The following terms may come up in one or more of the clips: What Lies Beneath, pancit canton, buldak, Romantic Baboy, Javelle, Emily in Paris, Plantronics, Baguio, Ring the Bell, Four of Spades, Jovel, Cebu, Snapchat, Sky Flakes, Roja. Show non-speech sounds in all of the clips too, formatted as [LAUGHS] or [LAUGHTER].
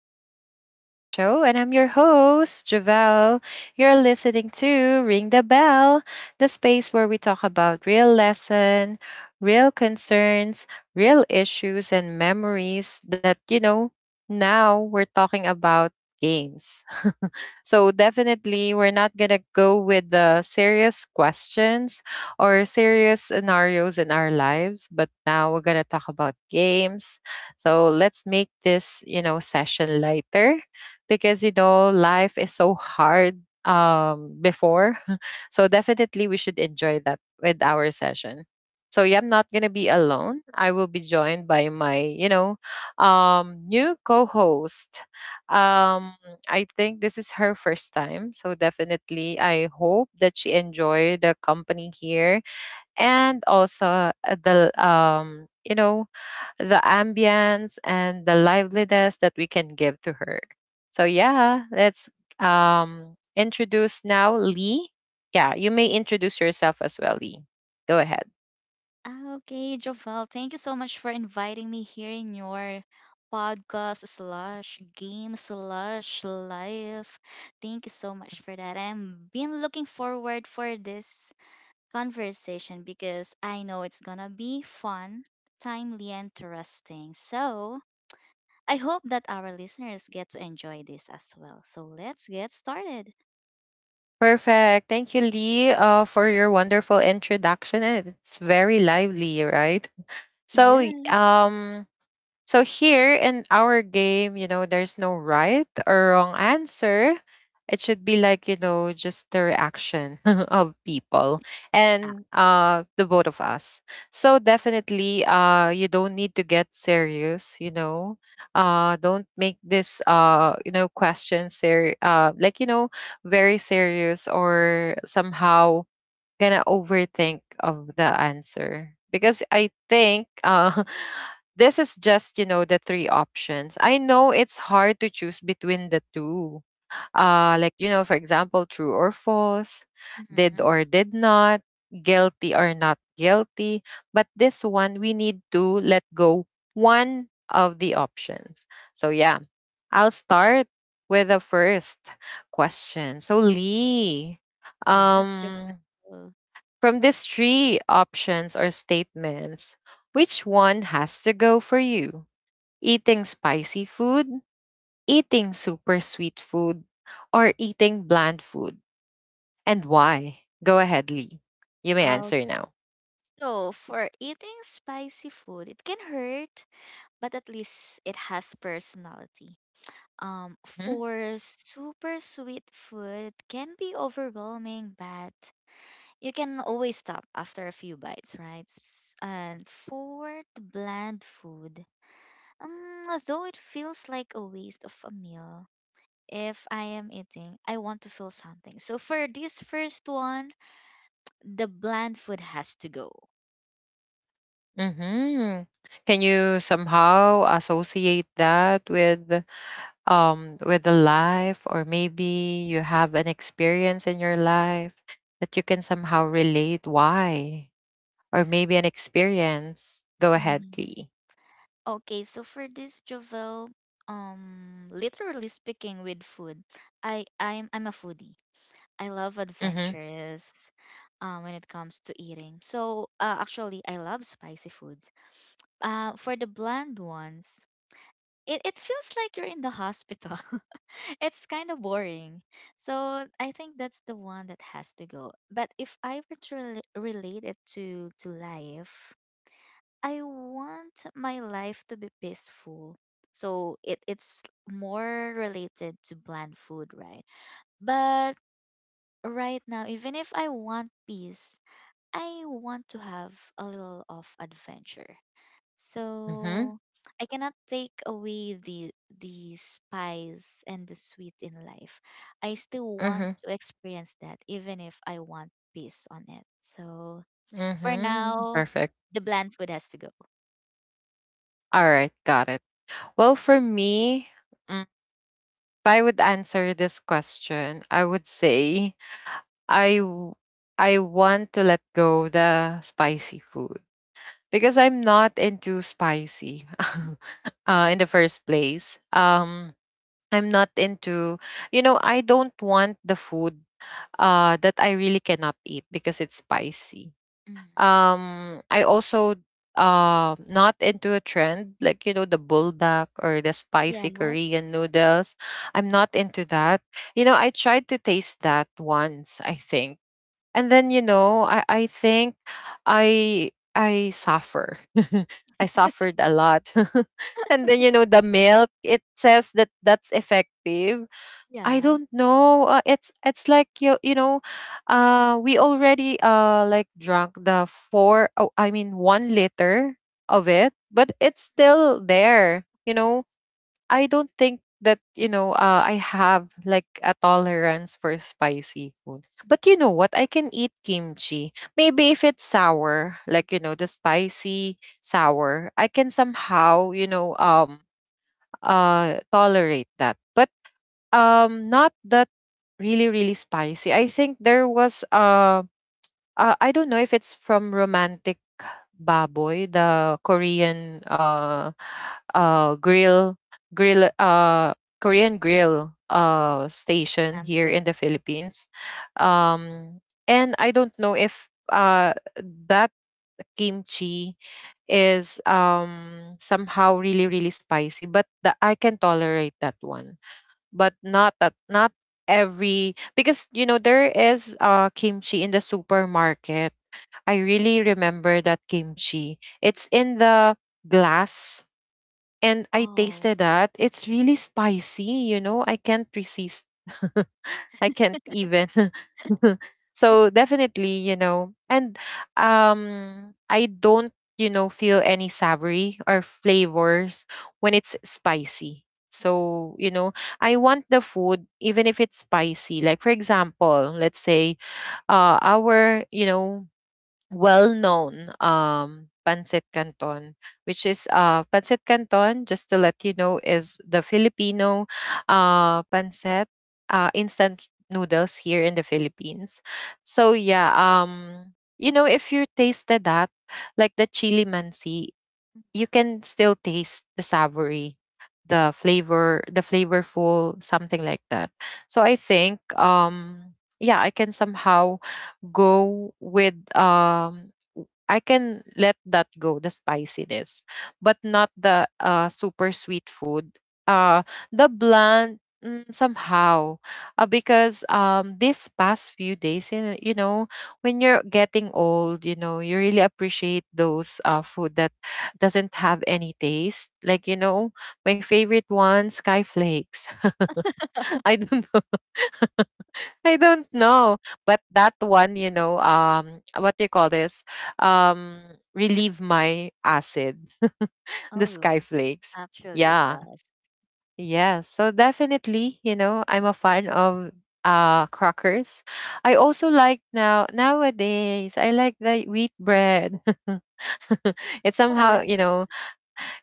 Welcome back to the show. And I'm your host, Javelle. You're listening to Ring the Bell, the space where we talk about real lesson, real concerns, real issues, and memories. Now we're talking about games. [LAUGHS] So definitely, we're not going to go with the serious questions or serious scenarios in our lives, but now we're going to talk about games, so let's make this, session lighter because life is so hard before. [LAUGHS] So definitely we should enjoy that with our session. So yeah, I'm not gonna be alone. I will be joined by my, new co-host. Um I think this is her first time. So definitely I hope that she enjoyed the company here and also the you know the ambience and the liveliness that we can give to her. So yeah, let's introduce now Lee. Yeah, you may introduce yourself as well, Lee. Go ahead. Okay, Jovel, thank you so much for inviting me here in your podcast slash game slash life. Thank you so much for that. I'm been looking forward for this conversation because I know it's gonna be fun, timely, and interesting. So I hope that our listeners get to enjoy this as well. So let's get started. Perfect. Thank you, Lee, for your wonderful introduction. And it's very lively, right? So, y- Yeah. um, so here in our game, there's no right or wrong answer. It should be like, just the reaction [LAUGHS] of people Ah, and the both of us. So definitely you don't need to get serious. Don't make this question ser like you know very serious, or somehow gonna overthink of the answer, because I think [LAUGHS] this is just the three options. I know it's hard to choose between the two. Like, for example, true or false, did mhm. or did not, guilty or not guilty. But this one, we need to let go one of the options. So yeah, I'll start with the first question. So Lee, Yes, um Jovel. from these three options or statements, which one has to go for you? Eating spicy food, eating super sweet food, or eating bland food? And why? Go ahead, Lee. You may answer now. So, for eating spicy food, it can hurt, but at least it has personality. For super sweet food, it can be overwhelming, but you can always stop after a few bites, right? And for the bland food, though it feels like a waste of a meal, if I am eating, I want to feel something. So for this first one, the bland food has to go. Mm-hmm. Can you somehow associate that with with the life, or maybe you have an experience in your life that you can somehow relate why? Or maybe an experience. Go ahead, Mm-hmm. Lee. Okay, so for this Jovel, literally speaking with food, I'm a foodie. I love Mm-hmm. adventures, when it comes to eating. So, actually, I love spicy foods. For the bland ones, it feels like you're in the hospital. [LAUGHS] It's kind of boring. So I think that's the one that has to go. But if I were to relate it to life, I want my life to be peaceful. So it's more related to bland food, right? But right now, even if I want peace, I want to have a little of adventure. So Mm-hmm. I cannot take away the spice and the sweet in life. I still want Mm-hmm. to experience that even if I want peace on it. So for Mm-hmm. now, Perfect. the bland food has to go. All right, got it. Well, for me, if I would answer this question, I would say I w- I want to let go the spicy food because I'm not into spicy [LAUGHS] in the first place. I'm not into, I don't want the food that I really cannot eat because it's spicy. Mhm. I also not into a trend like the buldak or the spicy Yes. Korean noodles. I'm not into that. I tried to taste that once, I think, and then I think I suffer. [LAUGHS] I suffered a lot. [LAUGHS] And then the milk, it says that that's effective. I Yeah, don't know. It's like you know, we already like drunk the four. Oh, I mean 1 liter of it, but it's still there. I don't think that I have like a tolerance for spicy food. But you know what? I can eat kimchi. Maybe if it's sour, like the spicy sour, I can somehow tolerate that. But not that really really spicy. I think there was I don't know if it's from Romantic Baboy, the Korean grill grill korean grill station stamp here gift. in the Philippines. Um and i don't know if that kimchi is somehow really really spicy. I can tolerate that one, but not at not every, because there is kimchi in the supermarket. I really remember that kimchi. It's in the glass, and I Oh, tasted that. It's really spicy. I can't resist. [LAUGHS] I can't even. [LAUGHS] [LAUGHS] So definitely and I don't feel any savory or flavors when it's spicy, so I want the food even if it's spicy. Like, for example, let's say our, well-known pancit canton, which is pancit canton, just to let you know, is the Filipino pancit, instant noodles here in the Philippines. So yeah, if you tasted that, like the chili mansi, you can still taste the savory, the flavor, the flavorful, something like that. So I think yeah, I can somehow go with, I can let that go, the spiciness, but not the super sweet food, uh the bland. Somehow because this past few days, you know, when you're getting old, you really appreciate those food that doesn't have any taste. Like, my favorite one, Sky Flakes. [LAUGHS] I don't know. [LAUGHS] I don't know. But that one, what do you call this? Um Relieve my acid. [LAUGHS] The Sky oh, Flakes. actually it Yeah. does. Yeah. So definitely, I'm a fan of crackers. I also like now, nowadays, I like the wheat bread. [LAUGHS] It Oh, I somehow, like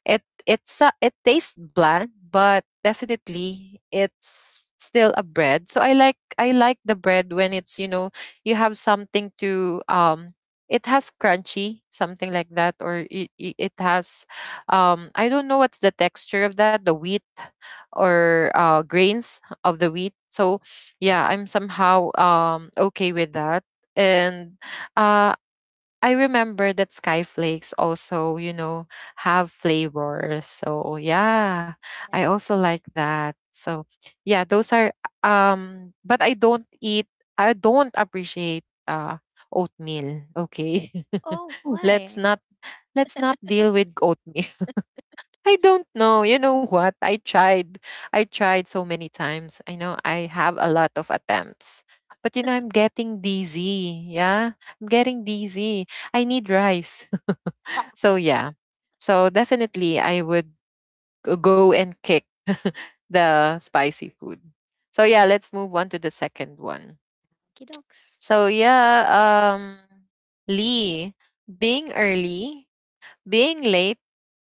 it tastes bland, but definitely it's still a bread. So I like the bread when it's, you have something to, it has crunchy, something like that, or it has, I don't know what's the texture of that the wheat, or grains of the wheat. So yeah, I'm somehow okay with that. And uh, I remember that Sky Flakes also, have flavors. So yeah, I this. also like that. So yeah, those are, but I don't eat, I don't appreciate oatmeal. Okay. Oh, [LAUGHS] Let's why? not, let's not deal with oatmeal. I don't know. You know what? I tried. I tried so many times. I know I have a lot of attempts. But I'm getting dizzy. Yeah. I'm getting dizzy. I need rice. [LAUGHS] So yeah. So definitely I would go and kick [LAUGHS] the spicy food. So yeah, let's move on to the second one. Okie dokes. So yeah, Lee, being early, being late,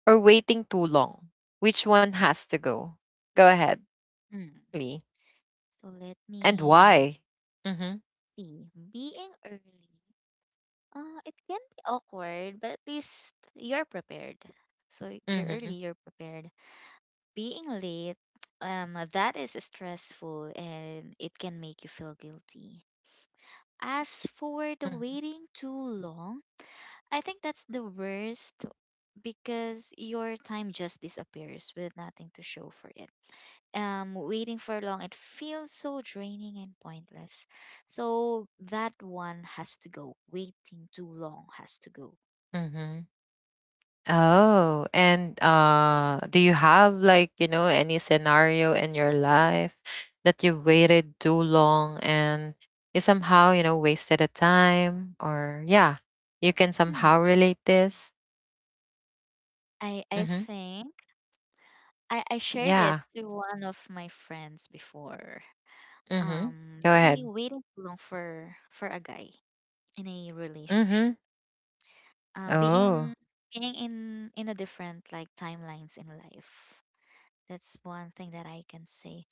or waiting too long? Which one has to go? Go ahead, Mm. Lee. So let And me why? Mm-hmm. see. Being early, it can be awkward, but at least you're prepared. So you're early, Mm-hmm. you're prepared. Being late, that is stressful and it can make you feel guilty. As Mm-hmm. for the waiting too long, I think that's the worst because your time just disappears with nothing to show for it. Waiting for long, it feels so draining and pointless. So that one has to go. Waiting too long has to go. Mm-hmm. Oh, and do you have like, any scenario in your life that you waited too long and you somehow, wasted a time, or yeah, you can Hmm. somehow relate this? I Mm-hmm. think I shared it Yeah. to one of my friends before. Mm-hmm. Go Maybe ahead. waiting too long for a guy in a relationship. Mm-hmm. Being Oh. being in a different like timelines in life. That's one thing that I can say,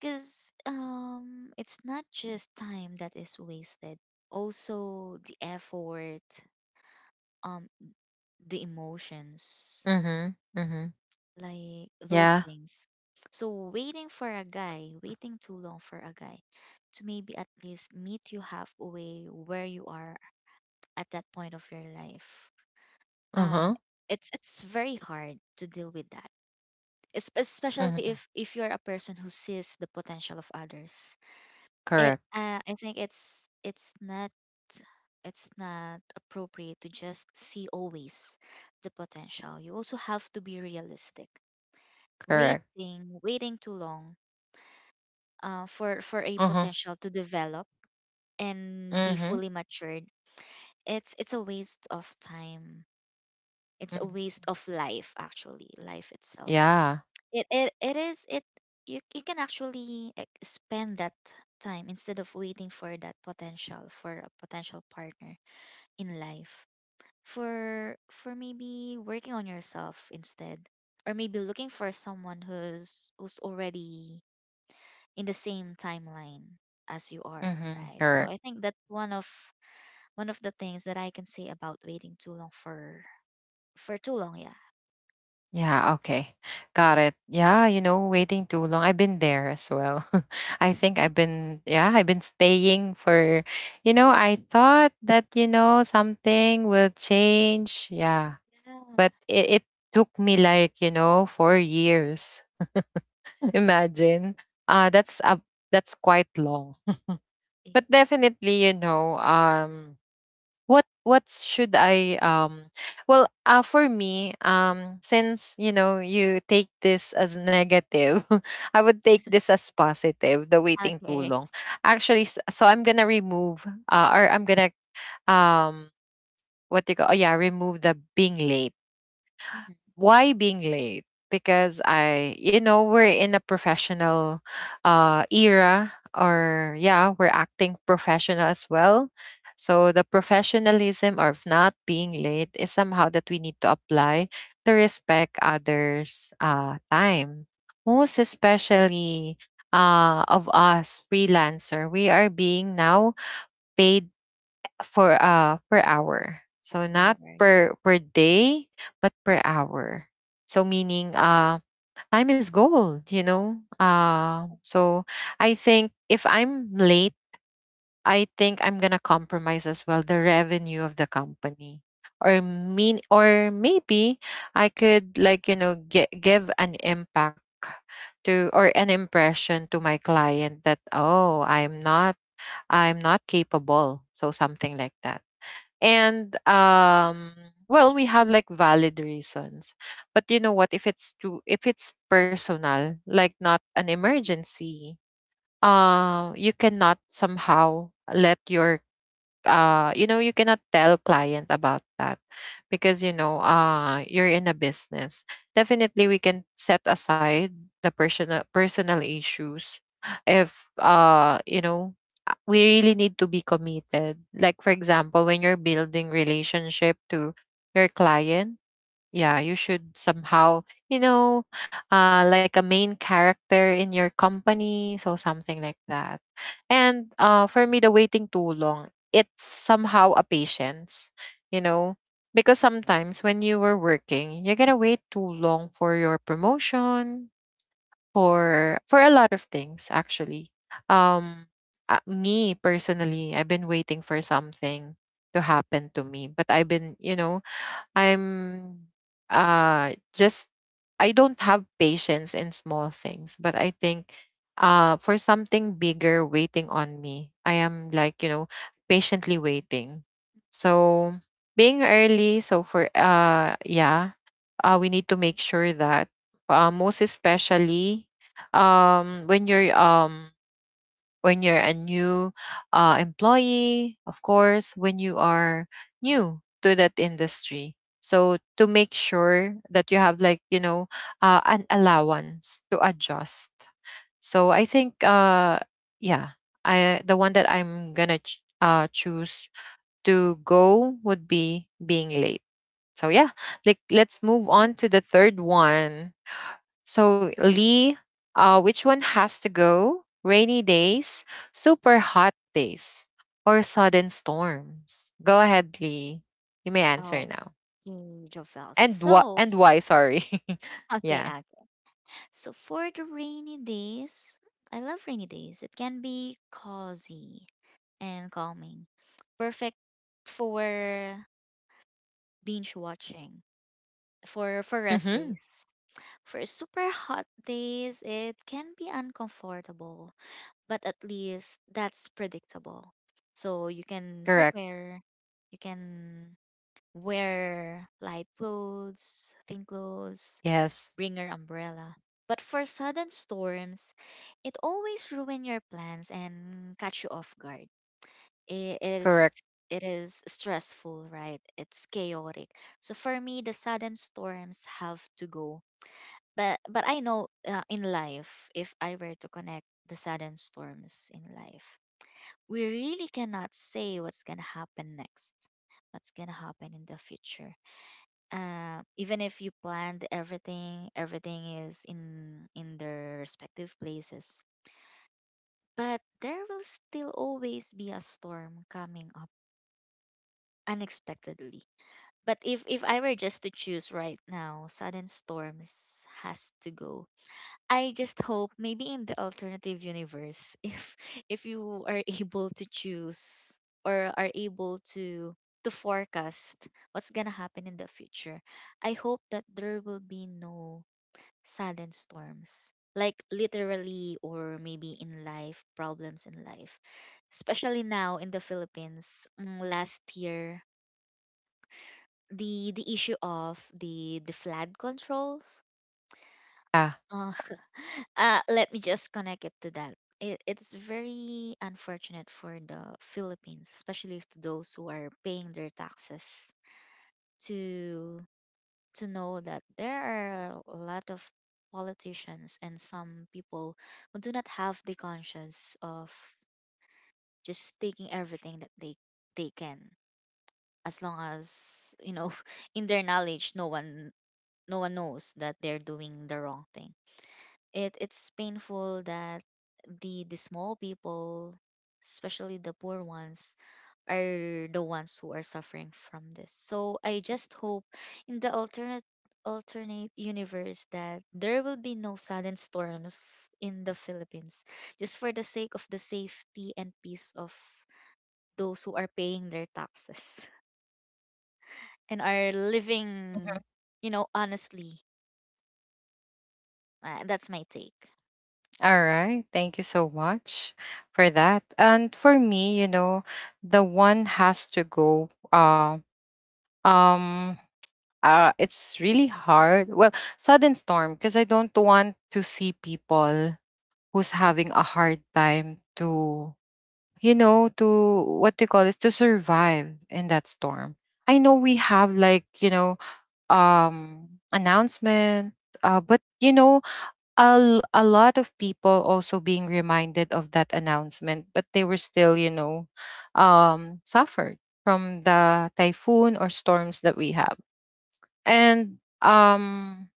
because it's not just time that is wasted, also the effort, um the emotions, Mm-hmm. Mm-hmm. like those Yeah. things. So waiting for a guy, waiting too long for a guy to maybe at least meet you halfway where you are at that point of your life, um Uh-huh. It's very hard to deal with that. Especially Mhm. if you're a person who sees the potential of others. It Correct, I think it's not it's not appropriate to just see always the potential. You also have to be realistic. correct. Waiting too long, for a Uh-huh. potential to develop and be Mhm. fully matured. It's a waste of time. It's a Mhm. waste of life actually, life itself. Yeah. It you you can actually like, spend that time instead of waiting for that potential for a potential partner in life. For maybe working on yourself instead, or maybe looking for someone who's already in the same timeline as you are, Mhm. right? So Correct. I think that one of the things that I can say about waiting too long for too long, yeah. Yeah, okay. Got it. Yeah, waiting too long, I've been there as well. [LAUGHS] I think I've been staying for, I thought that, something will change. Yeah. Yeah. But [LAUGHS] it took me like, 4 years. [LAUGHS] Imagine. Uh that's a that's quite long. But definitely, what should I, well, for me, since you take this as negative, [LAUGHS] I would take this as positive, the waiting too Okay. long. Actually, so I'm gonna remove, or I'm gonna, um what do you call, oh yeah, remove the being late. Mhm. Why being late? Because we're in a professional era, or yeah, we're acting professional as well. So the professionalism of not being late is somehow that we need to apply to respect others' time. Most especially of us freelancer, we are being now paid for per hour. So Maybe all not right. per day, but per hour. So meaning time is gold. So I think if I'm late, I think I'm gonna compromise as well the revenue of the company. Or maybe I could like, give an impact to, or an impression to my client that oh, I'm not capable, so something like that. And well, we have like valid reasons, but you know what, if it's personal, like not an emergency, you cannot somehow let your, you cannot tell client about that, because you're in a business. Definitely we can set aside the personal issues if, we really need to be committed. Like, for example, when you're building relationship to your client, yeah, you should somehow, you know, like a main character in your company, so something like that. And for me, the waiting too long, it's somehow a patience, you know, because sometimes when you were working, you're gonna wait too long for your promotion, for a lot of things actually. Um, Me personally, I've been waiting for something to happen to me, but I've been, you know, I'm just I don't have patience in small things, but I think for something bigger waiting on me, I am, like, you know, patiently waiting. So being early, so for yeah, we need to make sure that most especially when you're when you're a new employee, of course, when you are new to that industry. So to make sure that you have, like, you know, an allowance to adjust. So I think yeah, I the one that I'm going to choose to go would be being late. So yeah, like, let's move on Okey-dokes. to the third one. So, Lee, which one has to go? Rainy days, super hot days, or sudden storms? Go ahead, Lee. You may answer now. Mm, Jovel. And what? So, And why? Sorry. [LAUGHS] okay, Yeah. okay. So for the rainy days, I love rainy days. It can be cozy and calming. Perfect for binge watching, for Mm-hmm. rest days. For super hot days, it can be uncomfortable, but at least that's predictable. So you can Correct. prepare, you can wear light clothes, thin clothes, Yes. bring your umbrella. But for sudden storms, it always ruin your plans and catch you off guard. It, Correct. It is stressful, right? It's chaotic. So for me, the sudden storms have to go. But I know in life, if I were to connect the sudden storms in life, we really cannot say what's gonna happen next, what's gonna happen in the future, even if you planned everything, everything is in their respective places. But there will still always be a storm coming up unexpectedly. But if I were just to choose right now, sudden storms has to go. I just hope maybe in the alternative universe, [LAUGHS] if you are able to choose or are able to forecast what's gonna happen in the future, I hope that there will be no sudden storms, like literally or maybe in life, problems in life. Especially now in the Philippines, mm, last year, the issue of the flood control. Ah. Uh, [LAUGHS] let me just connect it to that. It's very unfortunate for the Philippines, especially to those who are paying their taxes to to know that there are a lot of politicians and some people who do not have the conscience of just taking everything that they can, as long as you know [LAUGHS] in their knowledge, no one no one knows that they're doing the wrong thing. It it's painful that the small people, especially the poor ones, are the ones who are suffering from this. So I just hope in the alternate universe that there will be no sudden storms in the Philippines, just for the sake of the safety and peace of those who are paying their taxes [LAUGHS] and are Mhm. living, you know, honestly. That's my take. All right. Thank you so much for that. And for me, you know, the one has to go. Um. It's really hard. Well, sudden storm, because I don't want to see people who's having a hard time to, you know, to, what do you call it, to survive in that storm. I know we have, like, you know, um announcement, but you know, a lot of people also being reminded of that announcement, but they were still, you know, suffered from the typhoon or storms that we have. And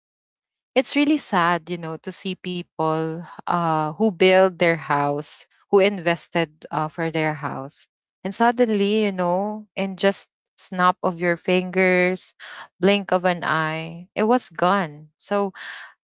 it's really sad, you know, to see people who build their house, who invested for their house. And suddenly, you know, in just snap of your fingers, blink of an eye, it was gone. So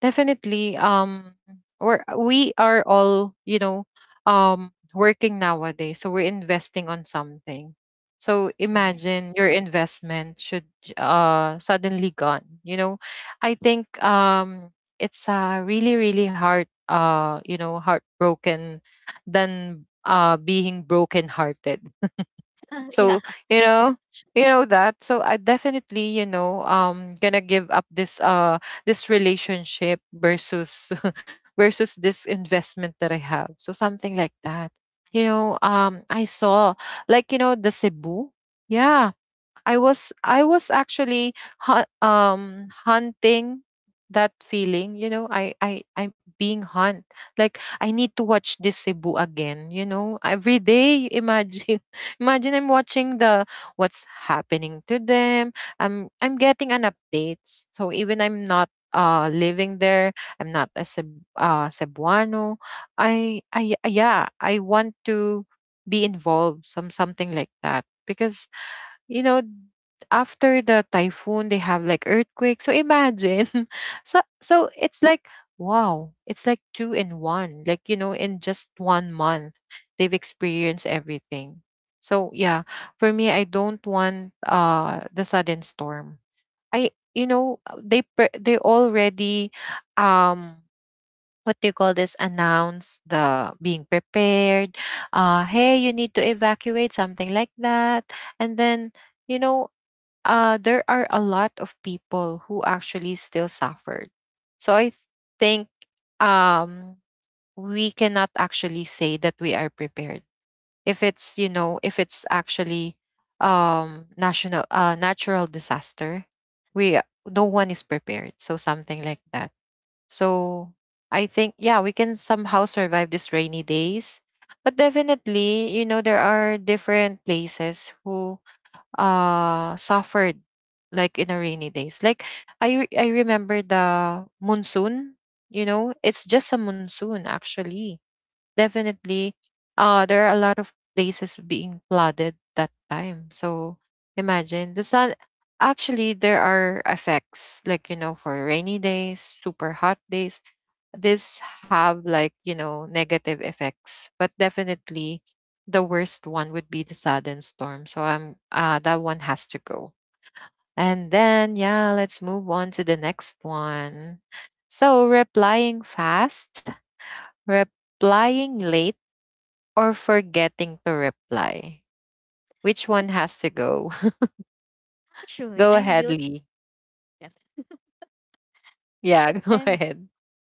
definitely, we are all, you know, working nowadays, so we're investing on something, so That's right. imagine your investment should suddenly gone, you know. I think it's really really hard, you know, heartbroken than being broken hearted. [LAUGHS] Yeah. So You know, you know that. So I definitely, you know, gonna give up this this relationship versus [LAUGHS] versus this investment that I have, so something like that. You know, I saw, like, you know, the Cebu. Yeah. I was, I was actually hunting that feeling, you know. I'm being hunt. Like, I need to watch this Cebu again, you know. Every day, imagine, [LAUGHS] imagine, I'm watching the what's happening to them. I'm getting an updates. So even I'm not living there, I'm not a Cebuano. I yeah, I want to be involved, some something like that, because, you know, after the typhoon, they have like earthquake. So imagine. [LAUGHS] So so it's like wow, it's like two in one. Like, you know, in just 1 month, they've experienced everything. So yeah, for me, I don't want the sudden storm. I, you know, they already um what do you call this, announce the being prepared. Hey, you need to evacuate, something like that, and then, you know, there are a lot of people who actually still suffered. So I think, um, we cannot actually say that we are prepared. If it's, you know, if it's actually national natural disaster, we no one is prepared. So something like that. So I think, yeah, we can somehow survive these rainy days, but definitely, you know, there are different places who suffered, like in a rainy days. Like, I remember the monsoon. You know, it's just a monsoon, actually. Definitely, there are a lot of places being flooded that time. So imagine the sun, actually there are effects, like, you know, for rainy days, super hot days, these have, like, you know, negative effects. But definitely, the worst one would be the sudden storm, so I'm that one has to go. And then yeah, let's move on to the next one. So, replying fast, replying late, or forgetting to reply, which one has to go? [LAUGHS] Actually, Go I'm ahead, guilty Lee. of it. Yeah. [LAUGHS] go Depends on ahead.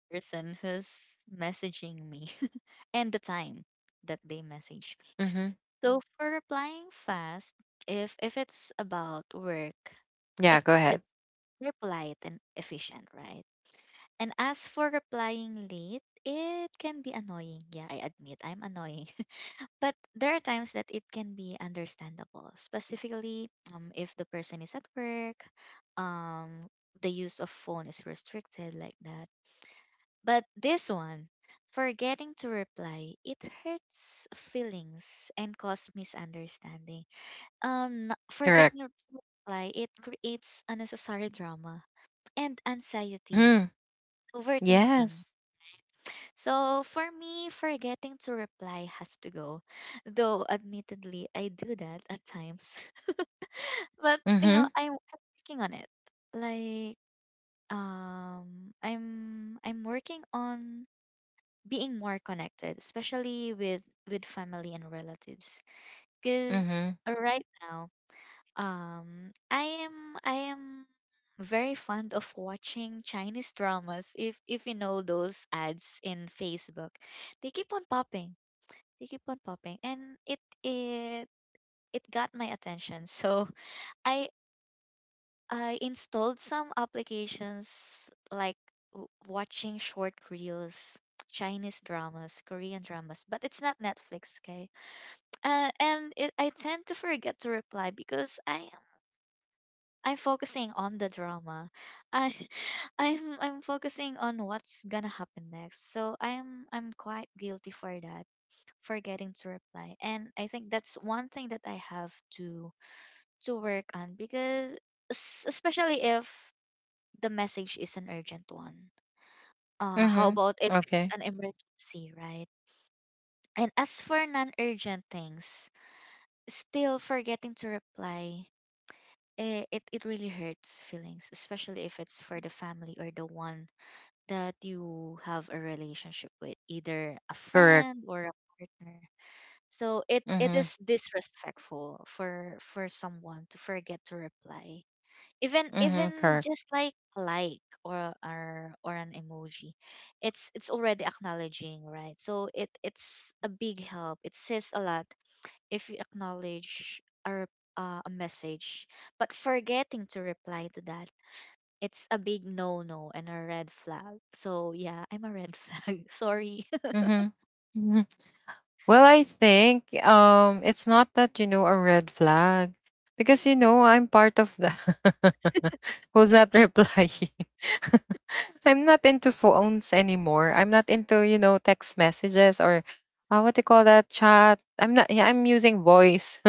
the person who's messaging me [LAUGHS] and the time that they message. Mm-hmm. So for replying fast, if Yeah, it's go ahead. about work, it's very polite and efficient, right? And as for replying late, it can be annoying. Yeah, I admit I'm annoying. [LAUGHS] But there are times that it can be understandable, specifically if the person is at work, um, the use of phone is restricted like that. But this one, forgetting to reply, it hurts feelings and cause misunderstanding, Correct. forgetting to reply, it creates unnecessary drama and anxiety, Hmm. Yes. overthinking. So for me, forgetting to reply has to go. Though admittedly, I do that at times. [LAUGHS] But you Mm-hmm. know, I'm working on it. Like I'm working on being more connected, especially with family and relatives. Because Mm-hmm. right now, I am very fond of watching Chinese dramas. If you know those ads in Facebook, they keep on popping. They keep on popping, and it got my attention. [LAUGHS] So I I installed some applications like watching short reels, Chinese dramas, Korean dramas, but it's not Netflix, okay? I tend to forget to reply because I'm focusing on the drama. I [LAUGHS] I'm focusing on what's gonna happen next. So I'm quite guilty for that, forgetting to reply. And I think that's one thing that I have to to work on because especially if the message is an urgent one. [LAUGHS] How Mhm. about if Okay. it's an emergency, right? And as for non-urgent things, still forgetting to reply, it really hurts feelings, especially if it's for the family or the one that you have a relationship with, either a Correct. friend or a partner. So it Mhm. is disrespectful for someone to forget to reply. Even Mhm. even Correct. just like a like or or an emoji. It's already acknowledging, right? So it's a big help. It says a lot if you acknowledge a, a message, but forgetting to reply to that, it's a big no no and a red flag. So, yeah, I'm a red [LAUGHS] flag. Sorry. [LAUGHS] Mhm. Mhm. Well, I think it's not that, you know, a red flag, because, you know, I'm part of the [LAUGHS] who's not replying. [LAUGHS] I'm not into phones anymore. I'm not into, you know, text messages or what do you call that, chat. I'm not. Yeah, I'm using voice.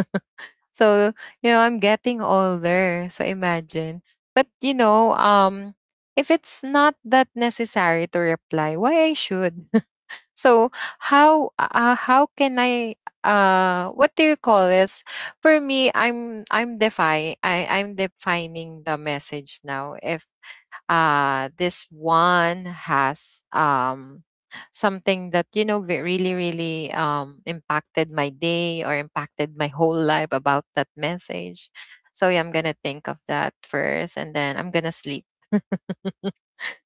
So, you know, I'm getting older. So imagine. But you know, if it's not that necessary to reply, why I should? [LAUGHS] So how, how can I, what do you call this? For me, I'm defy I I'm defining the message now. If this one has something that, you know, really really impacted my day or impacted my whole life about that message. So yeah, I'm gonna think of that first and then I'm gonna sleep. [LAUGHS]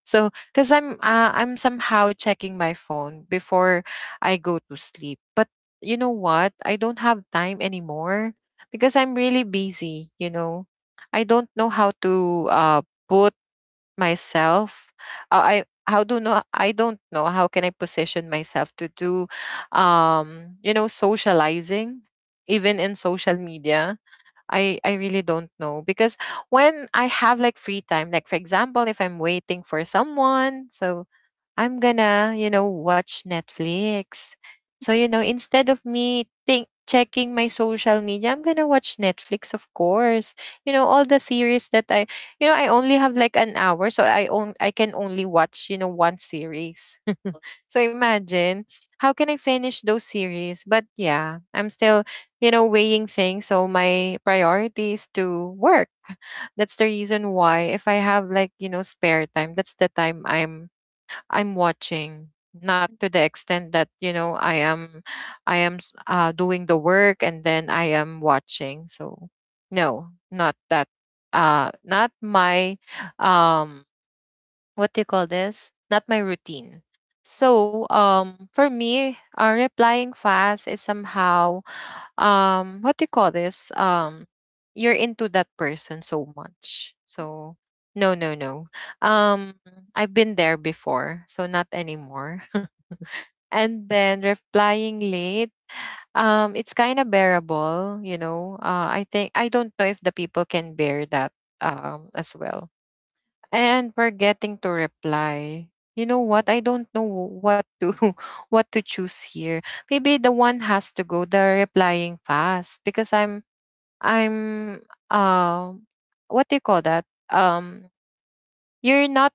So because I'm somehow checking my phone before I go to sleep, but you know what, I don't have time anymore, because I'm really busy, you know. I don't know how to put myself uh, i I don't know how can I position myself to do you know, socializing, even in social media. I really don't know, because when I have like free time, like for example, if I'm waiting for someone, so I'm gonna, you know, watch Netflix. So, you know, instead of me think checking my social media, I'm gonna watch Netflix, of course. You know, all the series that I, you know, I only have like an hour, so I own I can only watch, you know, one series. [LAUGHS] So imagine how can I finish those series? But yeah, I'm still, you know, weighing things. So my priority is to work. That's the reason why if I have, like, you know, spare time, that's the time I'm watching, not to the extent that, you know, I am doing the work and then I am watching. So no, not that, not my um what do you call this, not my routine. So for me, replying fast is somehow what do you call this, you're into that person so much, so no no no, um I've been there before, so not anymore. [LAUGHS] And then replying late, it's kind of bearable, you know. I think I don't know if the people can bear that as well. And forgetting to reply, you know what, I don't know what to [LAUGHS] what to choose here. Maybe the one has to go, the replying fast, because I'm um what do you call that? You're not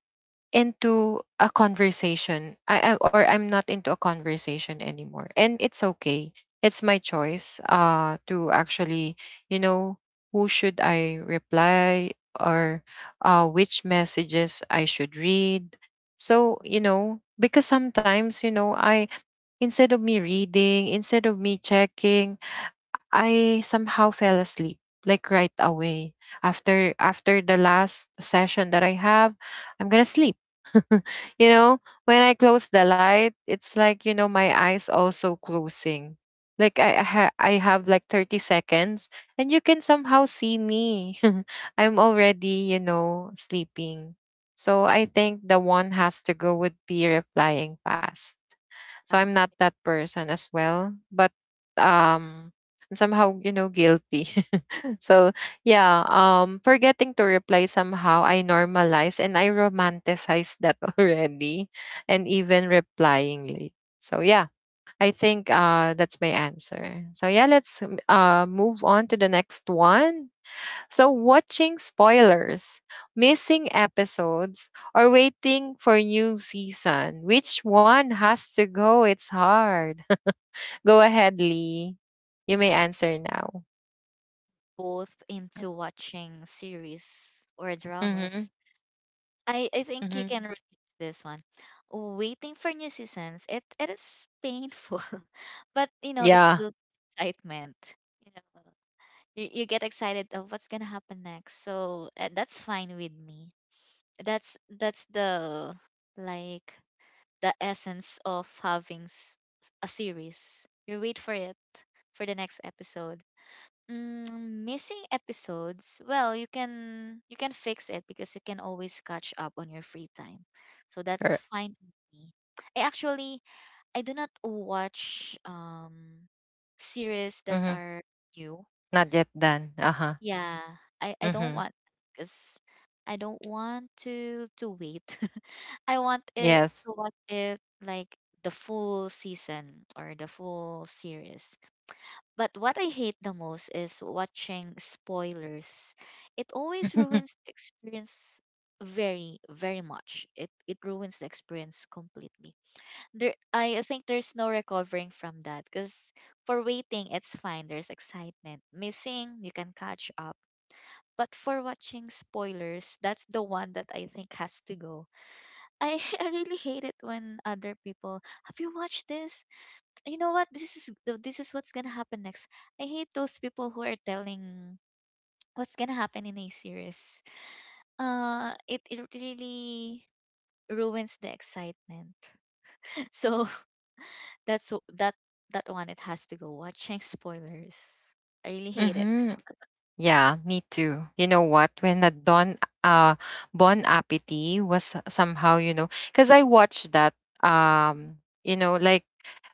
into a conversation. I am, or I'm not into a conversation anymore. And it's okay. It's my choice to actually, you know, who should I reply, or which messages I should read. So, you know, because sometimes, you know, I, instead of me reading, instead of me checking, I somehow fell asleep, like right away, after the last session that I have, I'm going to sleep. [LAUGHS] You know, when I close the light, it's like, you know, my eyes also closing. Like I have like 30 seconds, and you can somehow see me, [LAUGHS] I'm already, you know, sleeping. So I think the one has to go would be replying fast. So I'm Uh, not that person as well. But um I'm somehow, you know, guilty. [LAUGHS] So yeah, forgetting to reply, somehow I normalize and I romanticize that [LAUGHS] already. And even replying late. So yeah, I think that's my answer. So yeah, let's move on to the next one. So, watching spoilers, missing episodes, or waiting for new season, which one has to go? It's hard. [LAUGHS] Go ahead, Lee. You may answer now. both into watching series or Mm-hmm. dramas. I think you can Mm-hmm. relate to this one. Waiting for new seasons, it is painful, [LAUGHS] but you know, it Yeah. builds excitement. You know, you get excited of what's gonna happen next. So that's fine with me. That's the like the essence of having a series. You wait for it for the next episode. Mm, missing episodes, well you can fix it because you can always catch up on your free time, so that's Or, fine with me. I actually, I do not watch series that mm-hmm. are new. Not yet done. Uh huh. Yeah, I don't Mm-hmm. want, because I don't want to wait. [LAUGHS] I want it Yes. to watch it like the full season or the full series. But what I hate the most is watching spoilers. It always [LAUGHS] ruins the experience very very much. It ruins the experience completely. There, I think there's no recovering from that because for waiting it's fine. There's excitement. Missing, you can catch up, but for watching spoilers, that's the one that I think has to go. I, [LAUGHS] I really hate it when other people, have you watched this? You know what? This is this is what's gonna happen next. I hate those people who are telling what's gonna happen in a series. It really ruins the excitement. [LAUGHS] So [LAUGHS] that's w- that that one. It has to go. Watching spoilers. I really hate it. Mm-hmm. Yeah, me too. You know what? When the Don uh Bon Appetit was somehow, because I watched that, um, you know, like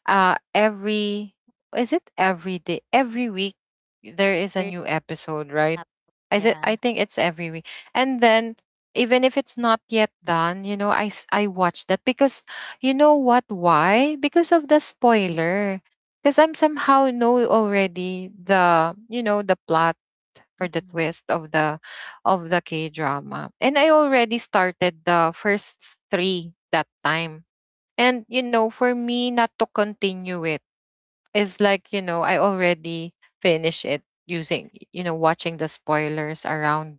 every — is it every day, every week, there [LAUGHS] is a Very new episode, right? up. Is it — Yeah. I think it's every week. And then, even if it's not yet done, you know, I watch that. Because you know what? Why? Because of the spoiler. Because I'm somehow know already the you know the plot, or the Mm-mm. twist of the K drama. And I already started the first three that time. And for me not to continue it is like, I already finished it using watching the spoilers around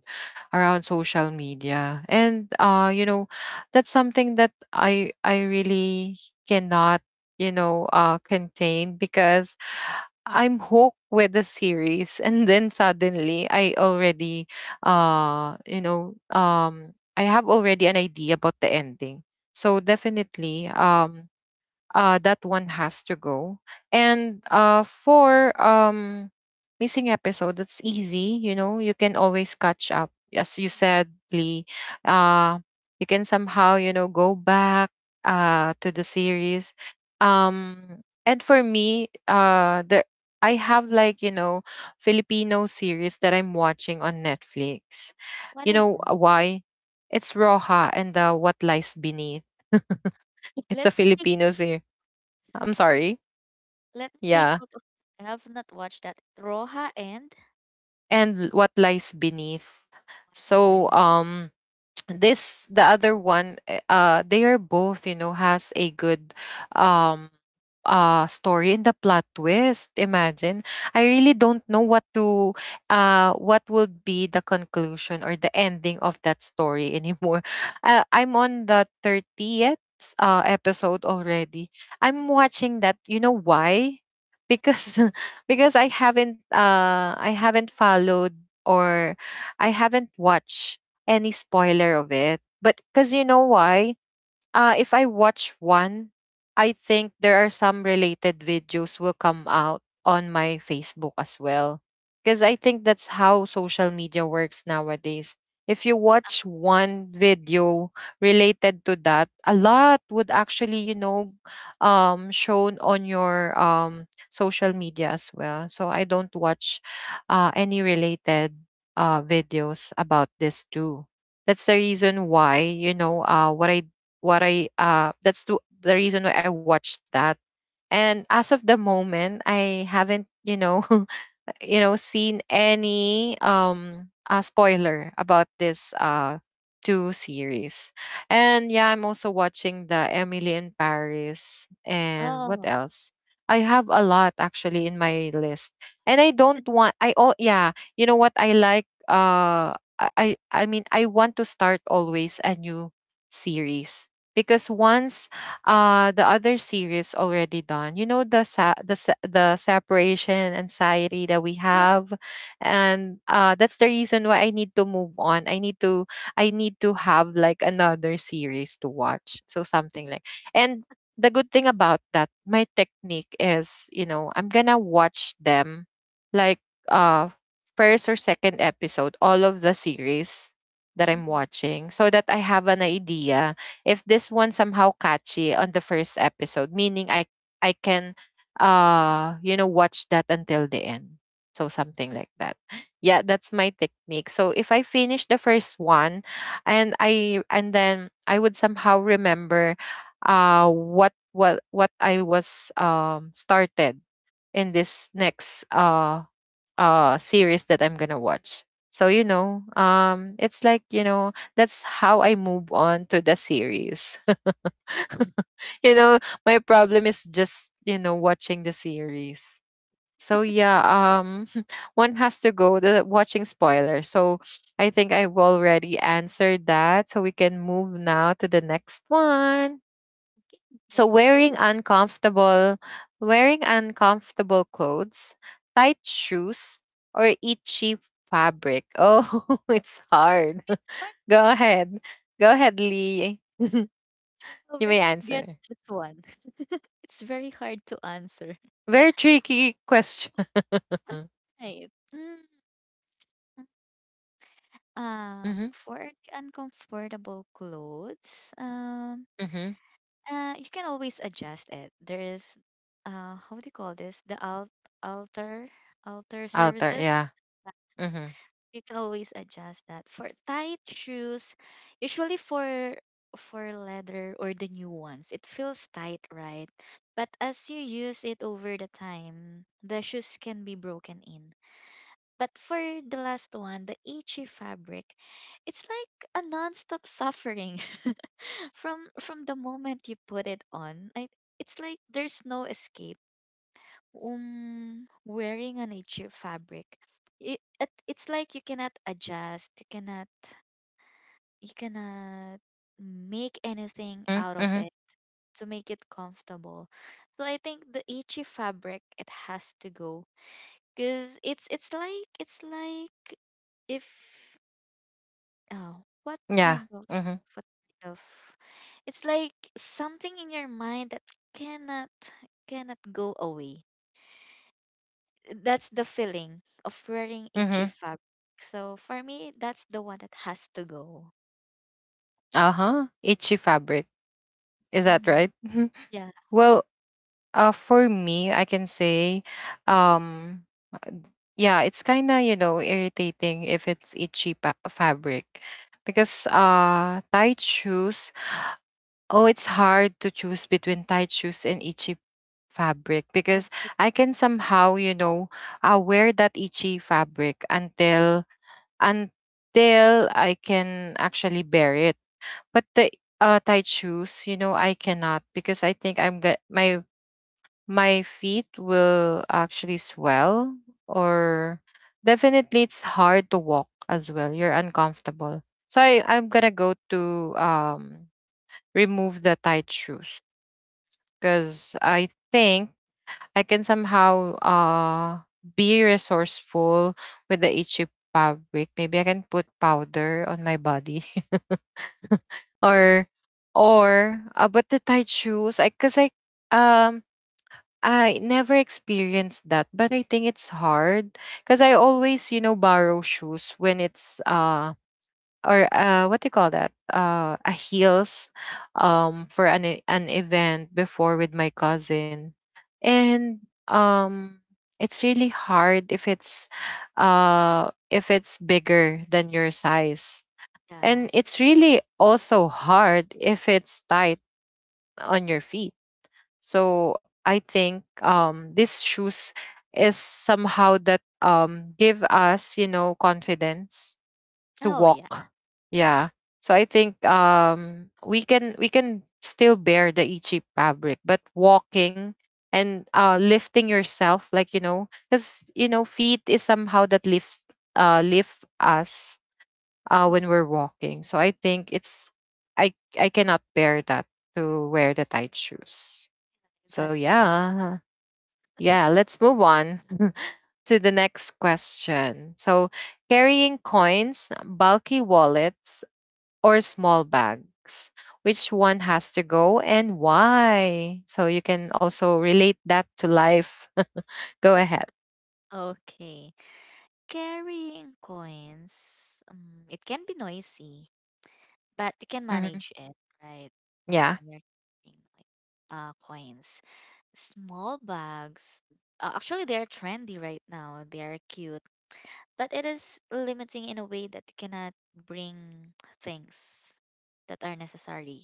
around social media. And that's something that I really cannot contain, because I'm hooked with the series. [LAUGHS] And then suddenly I already I have already an idea about the ending. So definitely, that one has to go. And for missing episode, that's easy. You know, you can always catch up. As you said, Lee, uh, you can somehow, you know, go back to the series. And for me, I have, like, you know, Filipino series that I'm watching on Netflix. What You is know, that? Why? It's Roja and the What Lies Beneath. [LAUGHS] it's Let a me take. Filipino series. I'm sorry. Let me take Yeah. note of. I have not watched that. Roja and And What Lies Beneath. White So Lies. This — the other one, eh, they are both, you know, has a good um story in the plot twist. Imagine, I really don't know what to — what would be the conclusion or the ending of that story anymore. [LAUGHS] I'm on the 30th episode already. I'm watching that, you know why? Because Right. [LAUGHS] because I haven't I haven't followed, or I haven't watched any spoiler of it. But because you know why? If I watch one, I think there are some related videos will come out on my Facebook as well. Because I think that's how social media works nowadays. If you The- watch one video related to that, a lot would actually, you know, shown on your social media as well. So I don't watch any related videos about this too. That's the reason why, you know, what I — that's the reason why I watched that. And as of the moment, I haven't, you know, [LAUGHS] you know seen any spoiler about this two series. And yeah, I'm also watching the Emily in Paris, and what Oh. else. I have a lot, actually, in my list. And I don't want — I — oh yeah. You know what I like? I mean, I want to start always a new series. Because once the other series already done, you know, the the separation anxiety that we Oh. have, and that's the reason why I need to move on. I need to have like another series to watch. So something like — and the good thing about that, my technique is, you know, I'm gonna watch them, like, uh first or second episode, all of the series that I'm Mhm. watching, so that I have an idea if this one somehow catchy on the first episode, meaning I can you know watch that until the end. So something like that. Yeah, that's my technique. So if I finish the first one, and then I would somehow remember what I was started in this next series that I'm gonna watch. So you know, it's like, you know, that's how I move on to the series. [LAUGHS] you know, my problem is just, you know, watching the series. So yeah, [LAUGHS] one has to go, the watching spoiler. So I think I've already answered that. So we can move now to the next one. Okay, So let's wearing go. uncomfortable wearing uncomfortable clothes, tight shoes, or itchy fabric. Oh, [LAUGHS] it's hard. It's hard, [LAUGHS] go ahead. Go ahead, Lee. [LAUGHS] you though. Where may did you get answer. this one? [LAUGHS] It's very hard to answer. Very tricky question. [LAUGHS] Right. Mm, mm-hmm, for the uncomfortable clothes, mm-hmm. You can always adjust it. There is, how do you call this? The al alter alter Altar, services. yeah. Mm-hmm, You can always adjust that for tight shoes, usually for leather, or the new ones, it feels tight, right? But as you use it over the time, the shoes can be broken in. But for the last one, the itchy fabric, it's like a non-stop suffering [LAUGHS] from the moment you put it on, I, it's like there's no escape. Wearing a nature fabric, it's like you cannot adjust, you cannot make mm-hmm. anything out Mm-hmm. of it to make it comfortable. So I think the itchy fabric, it has to go, because it's like it's like, if, oh, what Yeah. kind of, Mm-hmm, what kind of, it's like something in your mind that cannot cannot go away. That's the feeling of wearing itchy mm-hmm. fabric. So for me, that's the one that has to go. Uh-huh. Itchy fabric. Is that Mhm. right? [LAUGHS] Yeah, well, for me, I can say, um, uh, yeah, it's kind of, you know, irritating if it's itchy fabric. Because tight shoes — oh, it's hard to choose between tight shoes and itchy fabric, because fabric. I can somehow, you know, wear that itchy fabric until I can actually bear it. But the tight shoes, you know, I cannot. Because I think I'm get my feet will actually swell, or definitely it's hard to walk as well. You're uncomfortable. So I'm gonna go to remove the tight shoes, because I think I can somehow be resourceful with the itchy fabric. Maybe I can put powder on my body, [LAUGHS] or — but the tight shoes, I — cuz I — um I never experienced that, but I think it's hard. Cuz I always, you know, borrow shoes when it's or what do you call that? A heels, for an an event before with my cousin, and um, it's really hard if it's — if it's bigger than your size, Yeah. and it's really also hard if it's tight on your feet. So I think, these shoes is somehow that, give us, you know, confidence to Oh yeah. walk. Yeah. So I think, we can still bear the itchy fabric, but walking and lifting yourself, like, you know, because, you know, feet is somehow that lifts — lift us Mm. when we're walking. So I think it's — I I cannot bear that, to wear the tight shoes. You So got the point. yeah. Yeah, let's move on [LAUGHS] to the next question. So carrying coins, bulky wallets, or small bags? Which one has to go, and why? So you can also relate that to life. [LAUGHS] go ahead. Okay. Carrying coins. It can be noisy, but you can Hmm. manage it, right? Yeah, When you're carrying like, coins. Small bags. Actually, they're trendy right now. They're cute, but it is limiting in a way that cannot bring things that are necessary.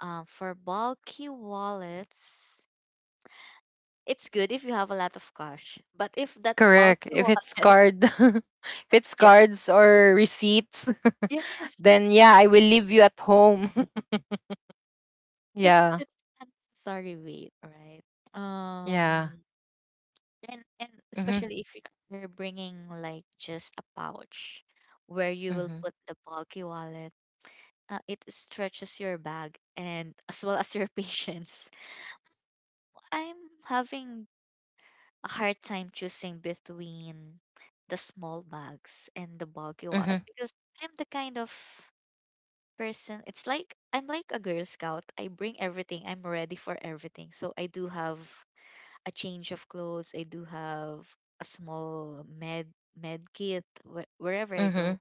For bulky wallets, it's good if you have a lot of cash. But if that correct. bulky If it's wallet, [LAUGHS] card, [LAUGHS] if it's yeah, cards or receipts, [LAUGHS] yes, then yeah, I will leave you at home. [LAUGHS] it's yeah, it's unnecessary weight, right? yeah. Um, and and Mhm, especially if you- you're bringing like just a pouch where you will mhm, put the bulky wallet, it stretches your bag, and as well as your [LAUGHS] patience. I'm having a hard time choosing between the small bags and the bulky wallet, mhm, because I'm the kind of person, it's like I'm like a girl scout. I bring everything. I'm ready for everything. So I do have a change of clothes. I do have a small med kit wherever I mhm. go.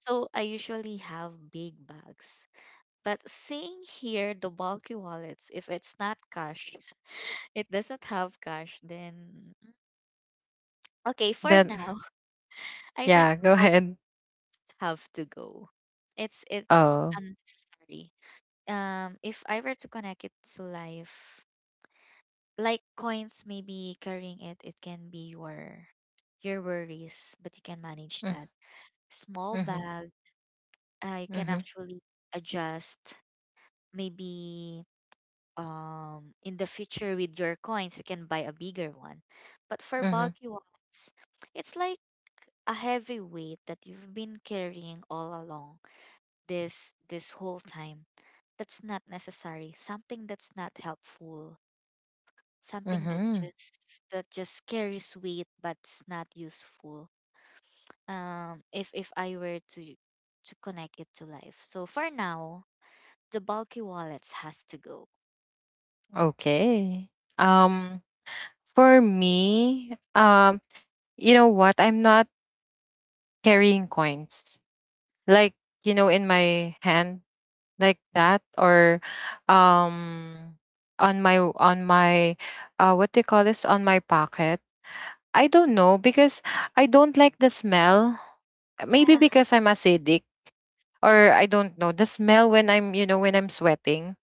So I usually have big bags. But seeing here the bulky wallets, if it's not cash, it doesn't have cash, then, okay, for Then now, [LAUGHS] [LAUGHS] I think yeah, the go bulk ahead. have to go. It's Oh. unnecessary. If I were to connect it to life, like coins, maybe carrying it, it can be your worries, but you can manage Mm. that. Small Mhm, bag, you can mhm, actually adjust. Maybe in the future with your coins, you can buy a bigger one. But for mhm, bulky ones, it's like a heavy weight that you've been carrying all along this this whole time, that's not necessary, something that's not helpful, something mhm. That just carries weight but's not useful. If I were to connect it to life, so for now, the bulky wallets has to go. Okay. Um. For me, you know what? I'm not carrying coins, like, you know, in my hand like that, or um on my — what do you call this — on my pocket. I don't know, because I don't like the smell. Maybe Yeah. because I'm acidic, or I don't know, the smell when I'm, you know, when I'm sweating,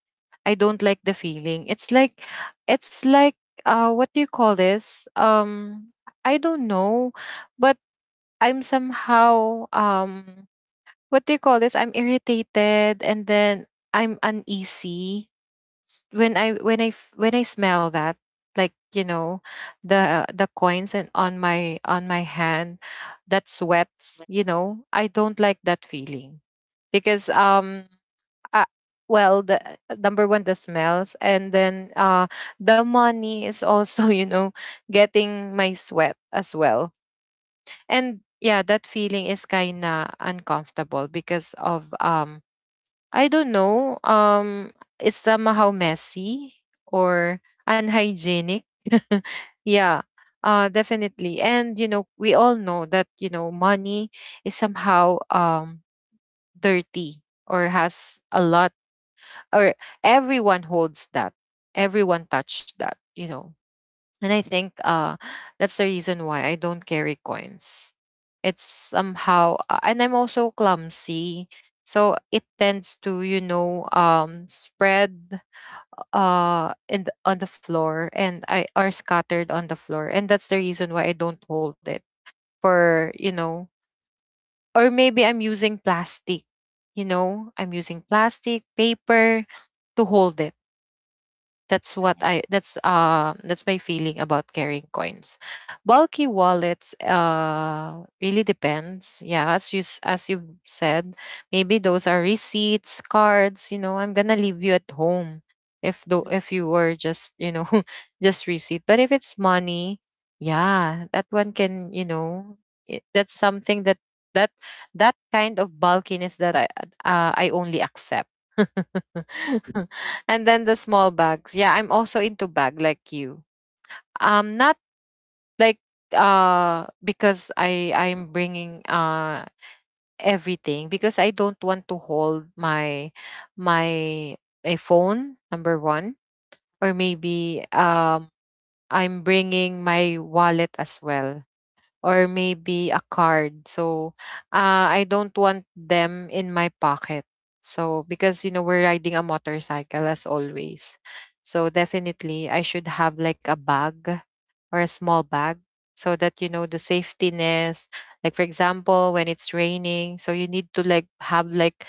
I don't like the feeling. It's like — it's like what do you call this? I don't know, but I'm somehow, what do you call this? I'm irritated, and then I'm uneasy when I — when I when I smell that, like, you know, the — coins and on my — hand that sweats, But- you know. I don't like that feeling, because I — well, the number one, the smells, and then the money is also, [LAUGHS] you know, getting my sweat as well. And yeah, that feeling is kind of uncomfortable because of, I don't know it's somehow messy or unhygienic. [LAUGHS] yeah. Definitely. And you know, we all know that, you know, money is somehow, dirty, or has a lot, or everyone holds that, everyone touched that, you know. And I think that's the reason why I don't carry coins. It's somehow and I'm also clumsy, so it tends to, you know, spread in the — on the floor, and I are scattered on the floor. And that's the reason why I don't hold it, for, you know, or maybe I'm using plastic — you know, I'm using plastic, paper, to hold it. that's what right. I that's uh that's my feeling about carrying coins. Bulky wallets really depends. Yeah, as you said, maybe those are receipts, cards, you know, I'm going to leave you at home, [LAUGHS] if you were just, you know, [LAUGHS] just receipt. But if it's money, yeah, that one can, you know, that's something that that kind of bulkiness that I only accept. [LAUGHS] [LAUGHS] and then the small bags. Yeah, I'm also into bag like you. Not like, because I'm bringing everything, because I don't want to hold my my a phone, number one, or maybe I'm bringing my wallet as well, or maybe a card. So I don't want them in my pocket. So, because, you know, we're riding a motorcycle as always. So definitely I should have like a bag or a small bag, so that, you know, the safetyness. Like for example, when it's raining, so you need to like have like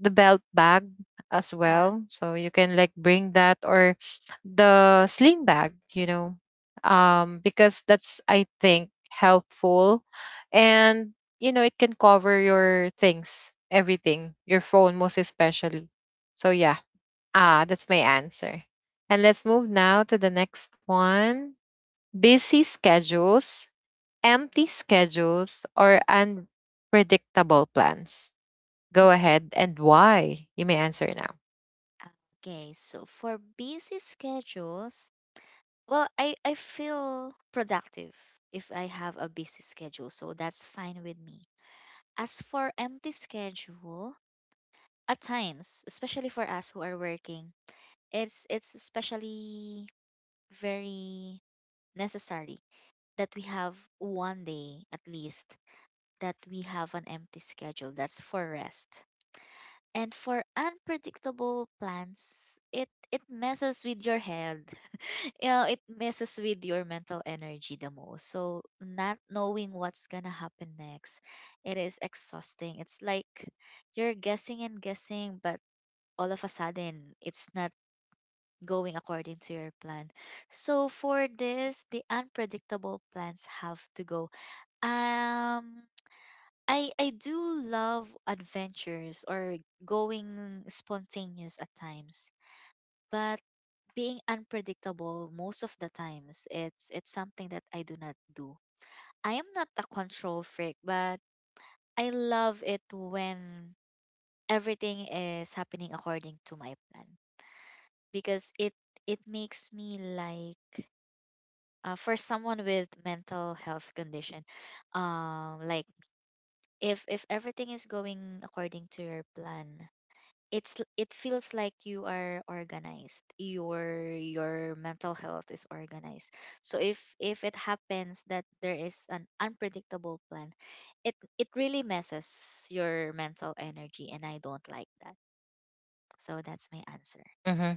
the belt bag as Yeah. well, so you can like bring that, or the sling bag, you know, because that's, I think, helpful. And, you know, it can cover your things, everything, your phone, most especially. So yeah, ah, that's my answer. And let's move now to the next one. Busy schedules, empty schedules, or unpredictable plans? Go ahead, and why? You may answer now. Okay, so for busy schedules, well, I feel productive if I have a busy schedule, so that's fine with me. As for empty schedule, at times, especially for us who are working, it's especially very necessary that we have one day at least, that we have an empty schedule, that's for rest. And for unpredictable plans, it messes with your head. Yeah, it messes with your mental energy the most. So not knowing what's gonna happen next, it is exhausting. It's like you're guessing and guessing, but all of a sudden it's not going according to your plan. So for this, the unpredictable plans have to go. Um I do love adventures, or going spontaneous at times. But being unpredictable most of the times, it's something that I do not do. I am not a control freak, but I love it when everything is happening according to my plan, because it makes me like, for someone with mental health condition, like, if everything is going according to your plan, it's it feels like you are organized, your mental health is organized. So if it happens that there is an unpredictable plan, it really messes your mental energy, and I don't like that. So that's my answer. Mm-hmm.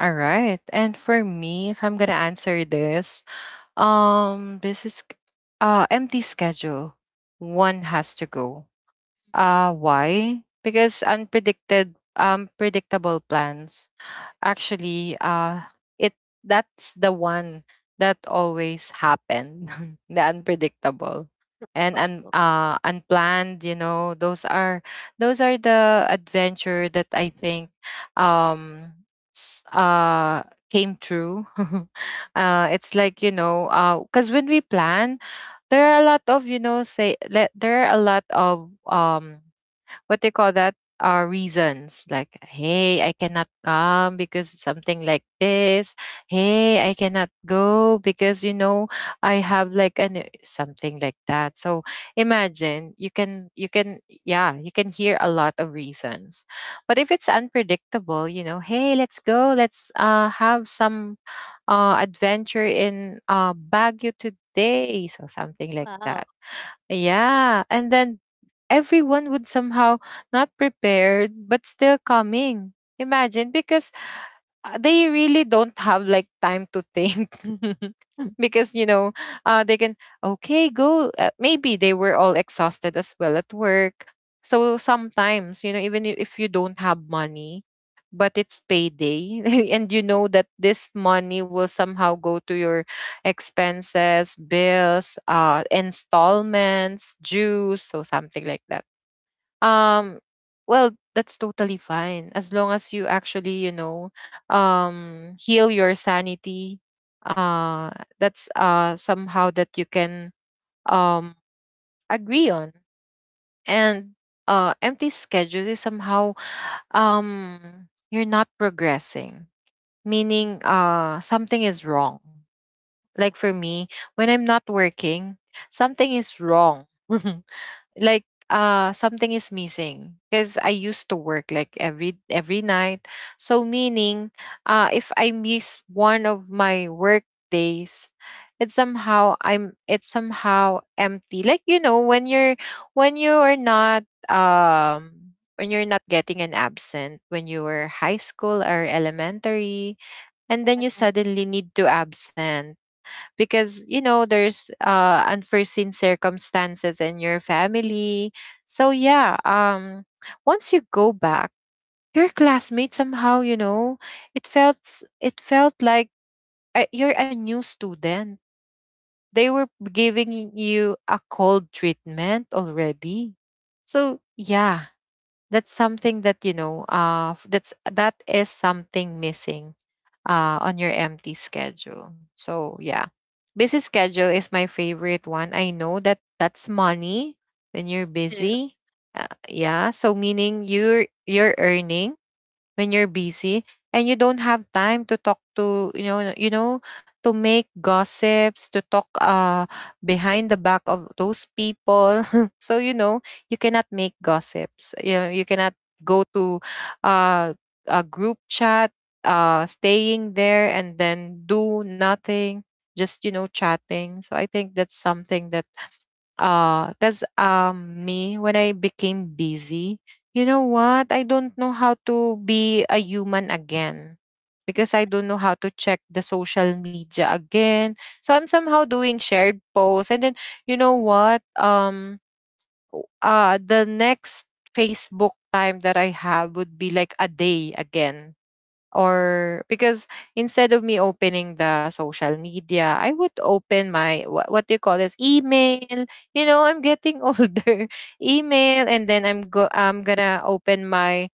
All right. And for me, if I'm gonna answer this, this is — empty schedule. One has to go. Why? Because unpredicted — predictable plans, actually, it — that's the one that always happened. [LAUGHS] the unpredictable, and unplanned, you know. Those are — those are the adventure that I think um s- uh came true. [LAUGHS] It's like, you know, cuz when we plan, there are a lot of, you know, there are a lot of what they call that, are reasons like, hey, I cannot come because something like this. Hey, I cannot go because, you know, I have like an something like that. So imagine you can yeah, you can hear a lot of reasons. But if it's unpredictable, you know, hey, let's go, let's have some adventure in Baguio today, so something like Wow. that. Yeah, and then everyone would somehow not prepared but still coming. Imagine because they really don't have like time to think. [LAUGHS] Because, you know, they can, okay, go, maybe they were all exhausted as well at work. So sometimes, you know, even if you don't have money but it's payday, [LAUGHS] and you know that this money will somehow go to your expenses, bills, installments, dues, so something like that. um well, that's totally fine as long as you actually, you know, heal your sanity. uh that's somehow that you can um agree on. And empty schedule is somehow, you're not progressing, Mhm. meaning something is wrong. Like Yeah. for me, when I'm not working, something is wrong. [LAUGHS] Like, something is missing because I used to work like every night. So meaning, if I miss one of my work days, it's somehow empty, like, you know, when you're, when you are not, when you're not getting an absent when you were high school or elementary, and I then got you that suddenly need to absent because, you know, there's unforeseen circumstances in your family. So yeah, once you go back, your classmates somehow, you know, it felt like, you're a new student. They were giving you a cold treatment already. So yeah, that's something that, you know, that is something missing on your empty schedule. So yeah, busy schedule is my favorite one. I know that that's money. When you're too. busy, yeah, so meaning you're earning when you're busy, and you don't have time to talk to, you know, to make gossips, to talk behind the back of those people. [LAUGHS] So, you know, you cannot make gossips, you know, you cannot go to uh a group chat, staying there and then do nothing, just, you know, chatting. So I think that's something that because me, when I became busy, you know what, I don't know how to be a human again because I don't know how to check the social media again. So I'm somehow doing shared posts, and then, you know what, the next Facebook time that I have would be like a day again, or because instead of me opening the social media, I would open my, what do you call this, email. You know, I'm getting [LAUGHS] older. Email, and then I'm gonna open my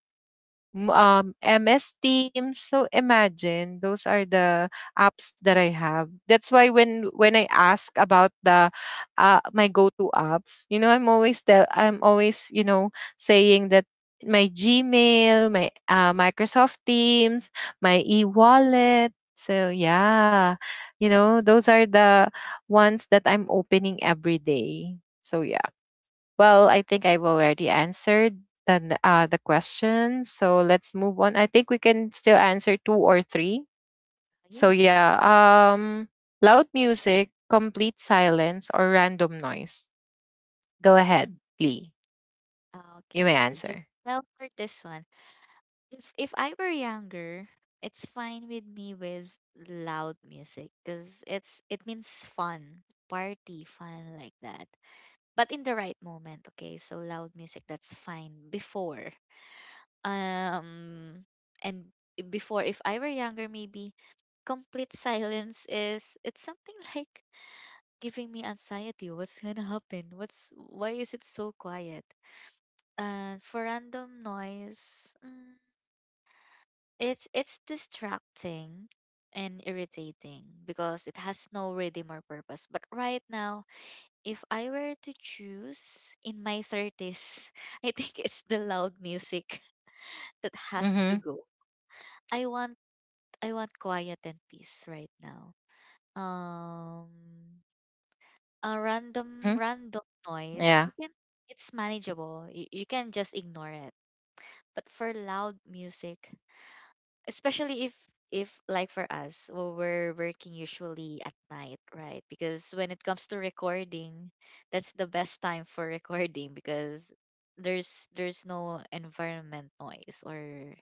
MS Teams. So imagine those are the apps that I have. That's why when I ask about the my go-to apps, you know, I'm always, you know, saying that my Gmail, my Microsoft Teams, my e-wallet. So yeah, you know, those are the ones that I'm opening every day. So yeah. Well, I think I've already answered the the question, so let's move on. I think we can still answer two or three. Yeah. So yeah, loud music, complete silence, or random noise. Go Hmm. ahead, Lee. Ah, You okay, may so answer. Jovel, for this one, if I were younger, it's fine with me with loud music because it's it means fun, party, fun like that. But in the right moment, okay. So loud music, that's fine. Before, um, and before, if I were younger, maybe complete silence is it's something [LAUGHS] like giving me anxiety, what's gonna happen, what's why is it so quiet. And for random noise, mm, it's distracting and irritating because it has no rhythm or purpose. But right now, if I were to choose in my 30s, [LAUGHS] I think it's the loud music [LAUGHS] that has to Mm-hmm. go. I want, I want quiet and peace right now. Um a random Hmm. random noise, you Yeah. can, it's manageable. You can just ignore it. But for loud music, especially if like for us, well, we're working usually at night, right? Because when it comes to recording, that's the best time for [LAUGHS] recording, because there's no environment noise or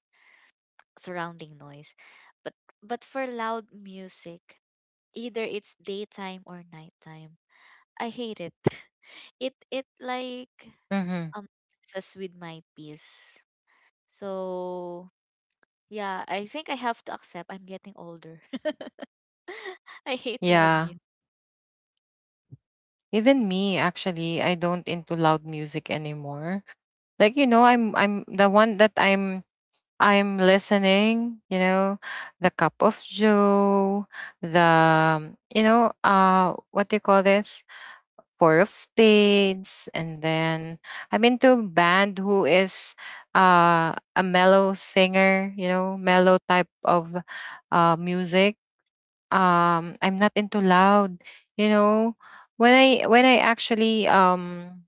surrounding noise. but but for loud music, either it's daytime or nighttime, I hate it. [LAUGHS] It like, Mm-hmm. um messes with my peace. So yeah, I think I have to accept I'm getting older. [LAUGHS] I hate loud Yeah. music. Even me, actually, I don't into loud music anymore. Like, you know, I'm the one that I'm listening, you know, the Cup of Joe, the, you know, what do you call this? Four of Spades. And then I'm into band who is a mellow singer, you know, mellow type of music. I'm not into loud, you know. When I, actually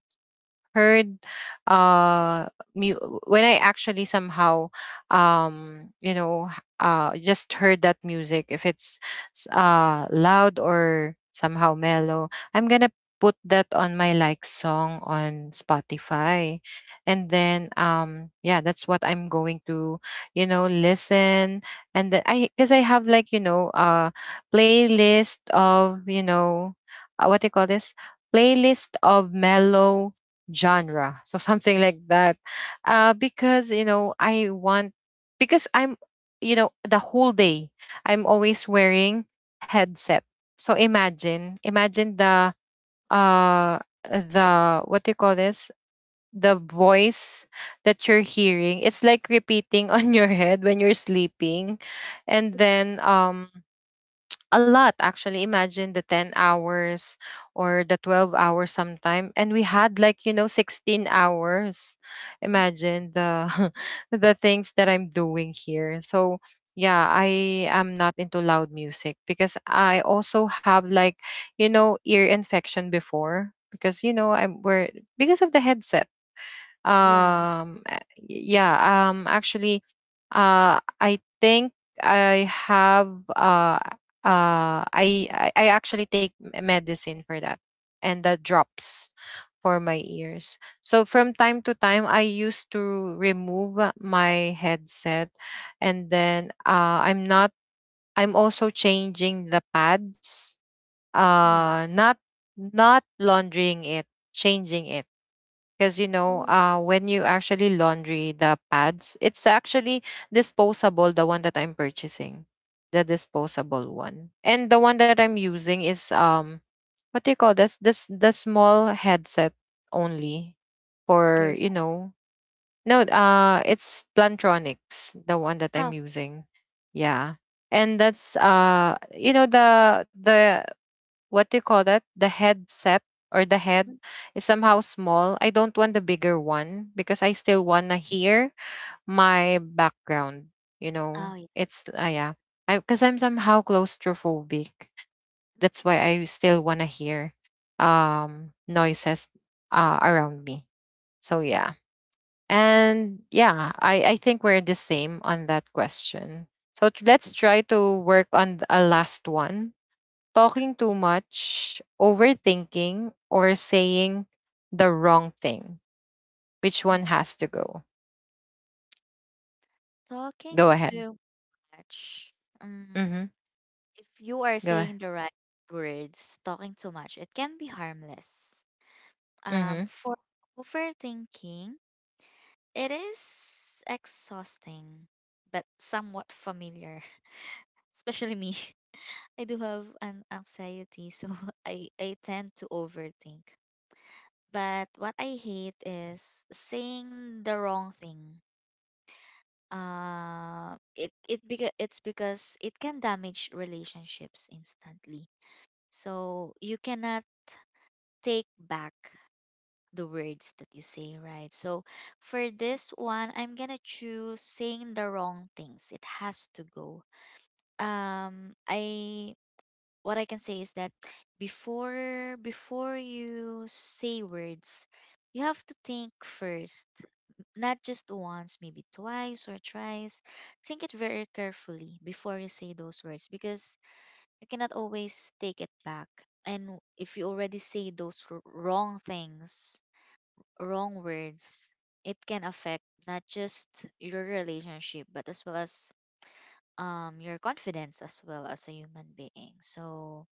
heard uh mu- when I actually somehow you know just heard that music, if it's loud or somehow mellow, I'm going to put that on my like song on Spotify, and then yeah, that's what I'm going to, you know, listen. And then I, cuz I have like, you know, playlist of, you know, what do you call this, playlist of mellow genre. So something like that. Because, you know, I want, because I'm, you know, the whole day, I'm always wearing headset. So imagine, imagine uh, the, what do you call this? The voice that you're hearing. It's like repeating [LAUGHS] on your head when you're sleeping. And then, a lot, actually, imagine the 10 hours or the 12 hours sometime, and we had like, you know, 16 hours. Mm. Imagine the [LAUGHS] the things that I'm doing here. So yeah, I am not into loud music because I also have like, you know, ear infection before because, you know, I'm we're, because of the headset. Yeah, um, a- yeah, actually, I think I have, I actually take medicine for that, and the drops for my ears. So from time to time, I used to remove my headset, and then, I'm not, I'm also changing the pads, yeah. Not, not laundering it, changing it, because, you know, Oh, when you actually laundry the pads, it's actually disposable, the one that I'm purchasing, the disposable one. And the one that I'm using is what do you call this, this the small headset only for, you earphone. know, no, it's Plantronics, the one that Oh, I'm using. Yeah, and that's you know, the what do you call that? The headset or the head mm, is somehow small. I don't want the bigger one because I still wanna hear my background. You know, oh yeah, it's me yeah, I, because I'm somehow claustrophobic. That's why I still wanna hear noises around me. So yeah. And yeah, I think we're the same on that question. So let's try to work on a last one. Talking too again. much, overthinking, or saying the wrong thing? Which one Mm. has to go? Talking Go ahead. too much. Um, Mm-hmm. if you are Go ahead. saying the right words, talking too much, it can be harmless. Mm-hmm. For overthinking, it is exhausting, but somewhat familiar, [LAUGHS] especially me. [LAUGHS] I do have an anxiety, so [LAUGHS] I tend to overthink. But what I hate is saying the wrong thing. It's because it can damage relationships instantly. So you cannot take back the words that you say, right? So for this one, I'm gonna choose saying the wrong things. It has to go. I, what I can say is that before you say words, you have to think first. Not just once, maybe twice or thrice. Think it very carefully before you say those words, because you cannot always take it back. And if you already say those wrong things, wrong words, it can affect not just your relationship, but as well as your confidence as well as a human being. So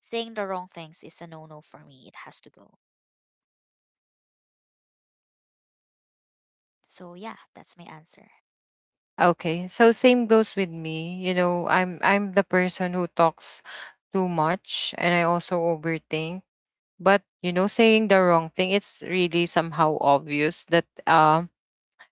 saying the wrong things is a no no for me. It has to go. So yeah, that's my answer. Okay. So same goes with me. You know, I'm the person who talks too much, and I also overthink. But you know, saying the wrong thing, it's really somehow obvious that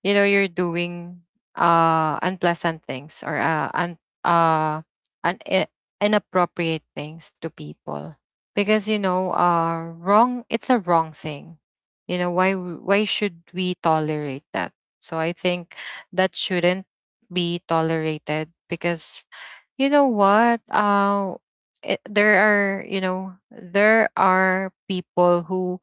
you know, you're doing unpleasant things, or uh un i- inappropriate things to people, because, you know, wrong it's a wrong thing, you know, why should we tolerate that? So I think that shouldn't be tolerated because, you know what, it, there are, you know, there are people who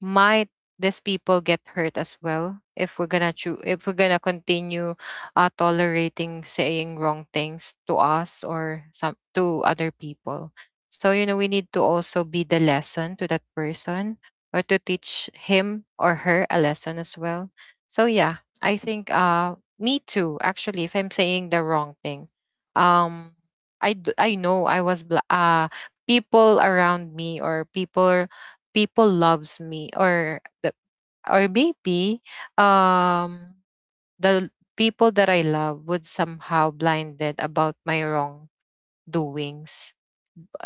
might, these people get hurt as well if if we're gonna continue tolerating saying wrong things to us or some to other people. So you know, we need to also be the lesson to that person, or to teach him or her a lesson as well. So yeah, I think me too, actually. If I'm saying the wrong thing, um I know I was people around me, or people, people loves me, or the, or maybe um the, people that I love would somehow blinded about my wrong doings.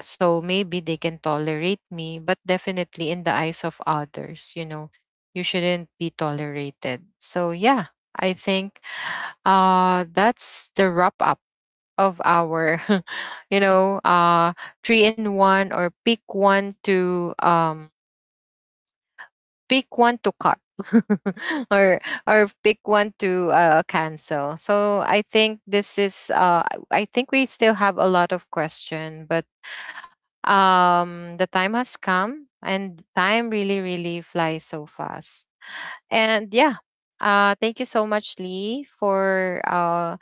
So maybe they can tolerate me, but definitely in the eyes of others, you know, you shouldn't be tolerated. So yeah, I think that's the wrap up of our [LAUGHS] you know, three in one, or pick one to cut, [LAUGHS] or or pick one to cancel. So I think this is I think we still have a lot of question, but the time has come, and time really really flies so fast. And yeah, thank you so much, Lee, for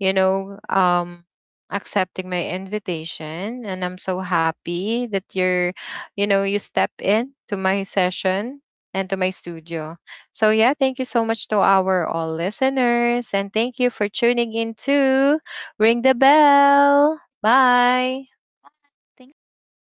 you know, accepting my invitation. And I'm so happy that you're, you know, you step in to my session and to my studio. So, yeah, thank you so much to our all listeners. And thank you for tuning in to Ring the Bell. Bye. Thanks, Javel.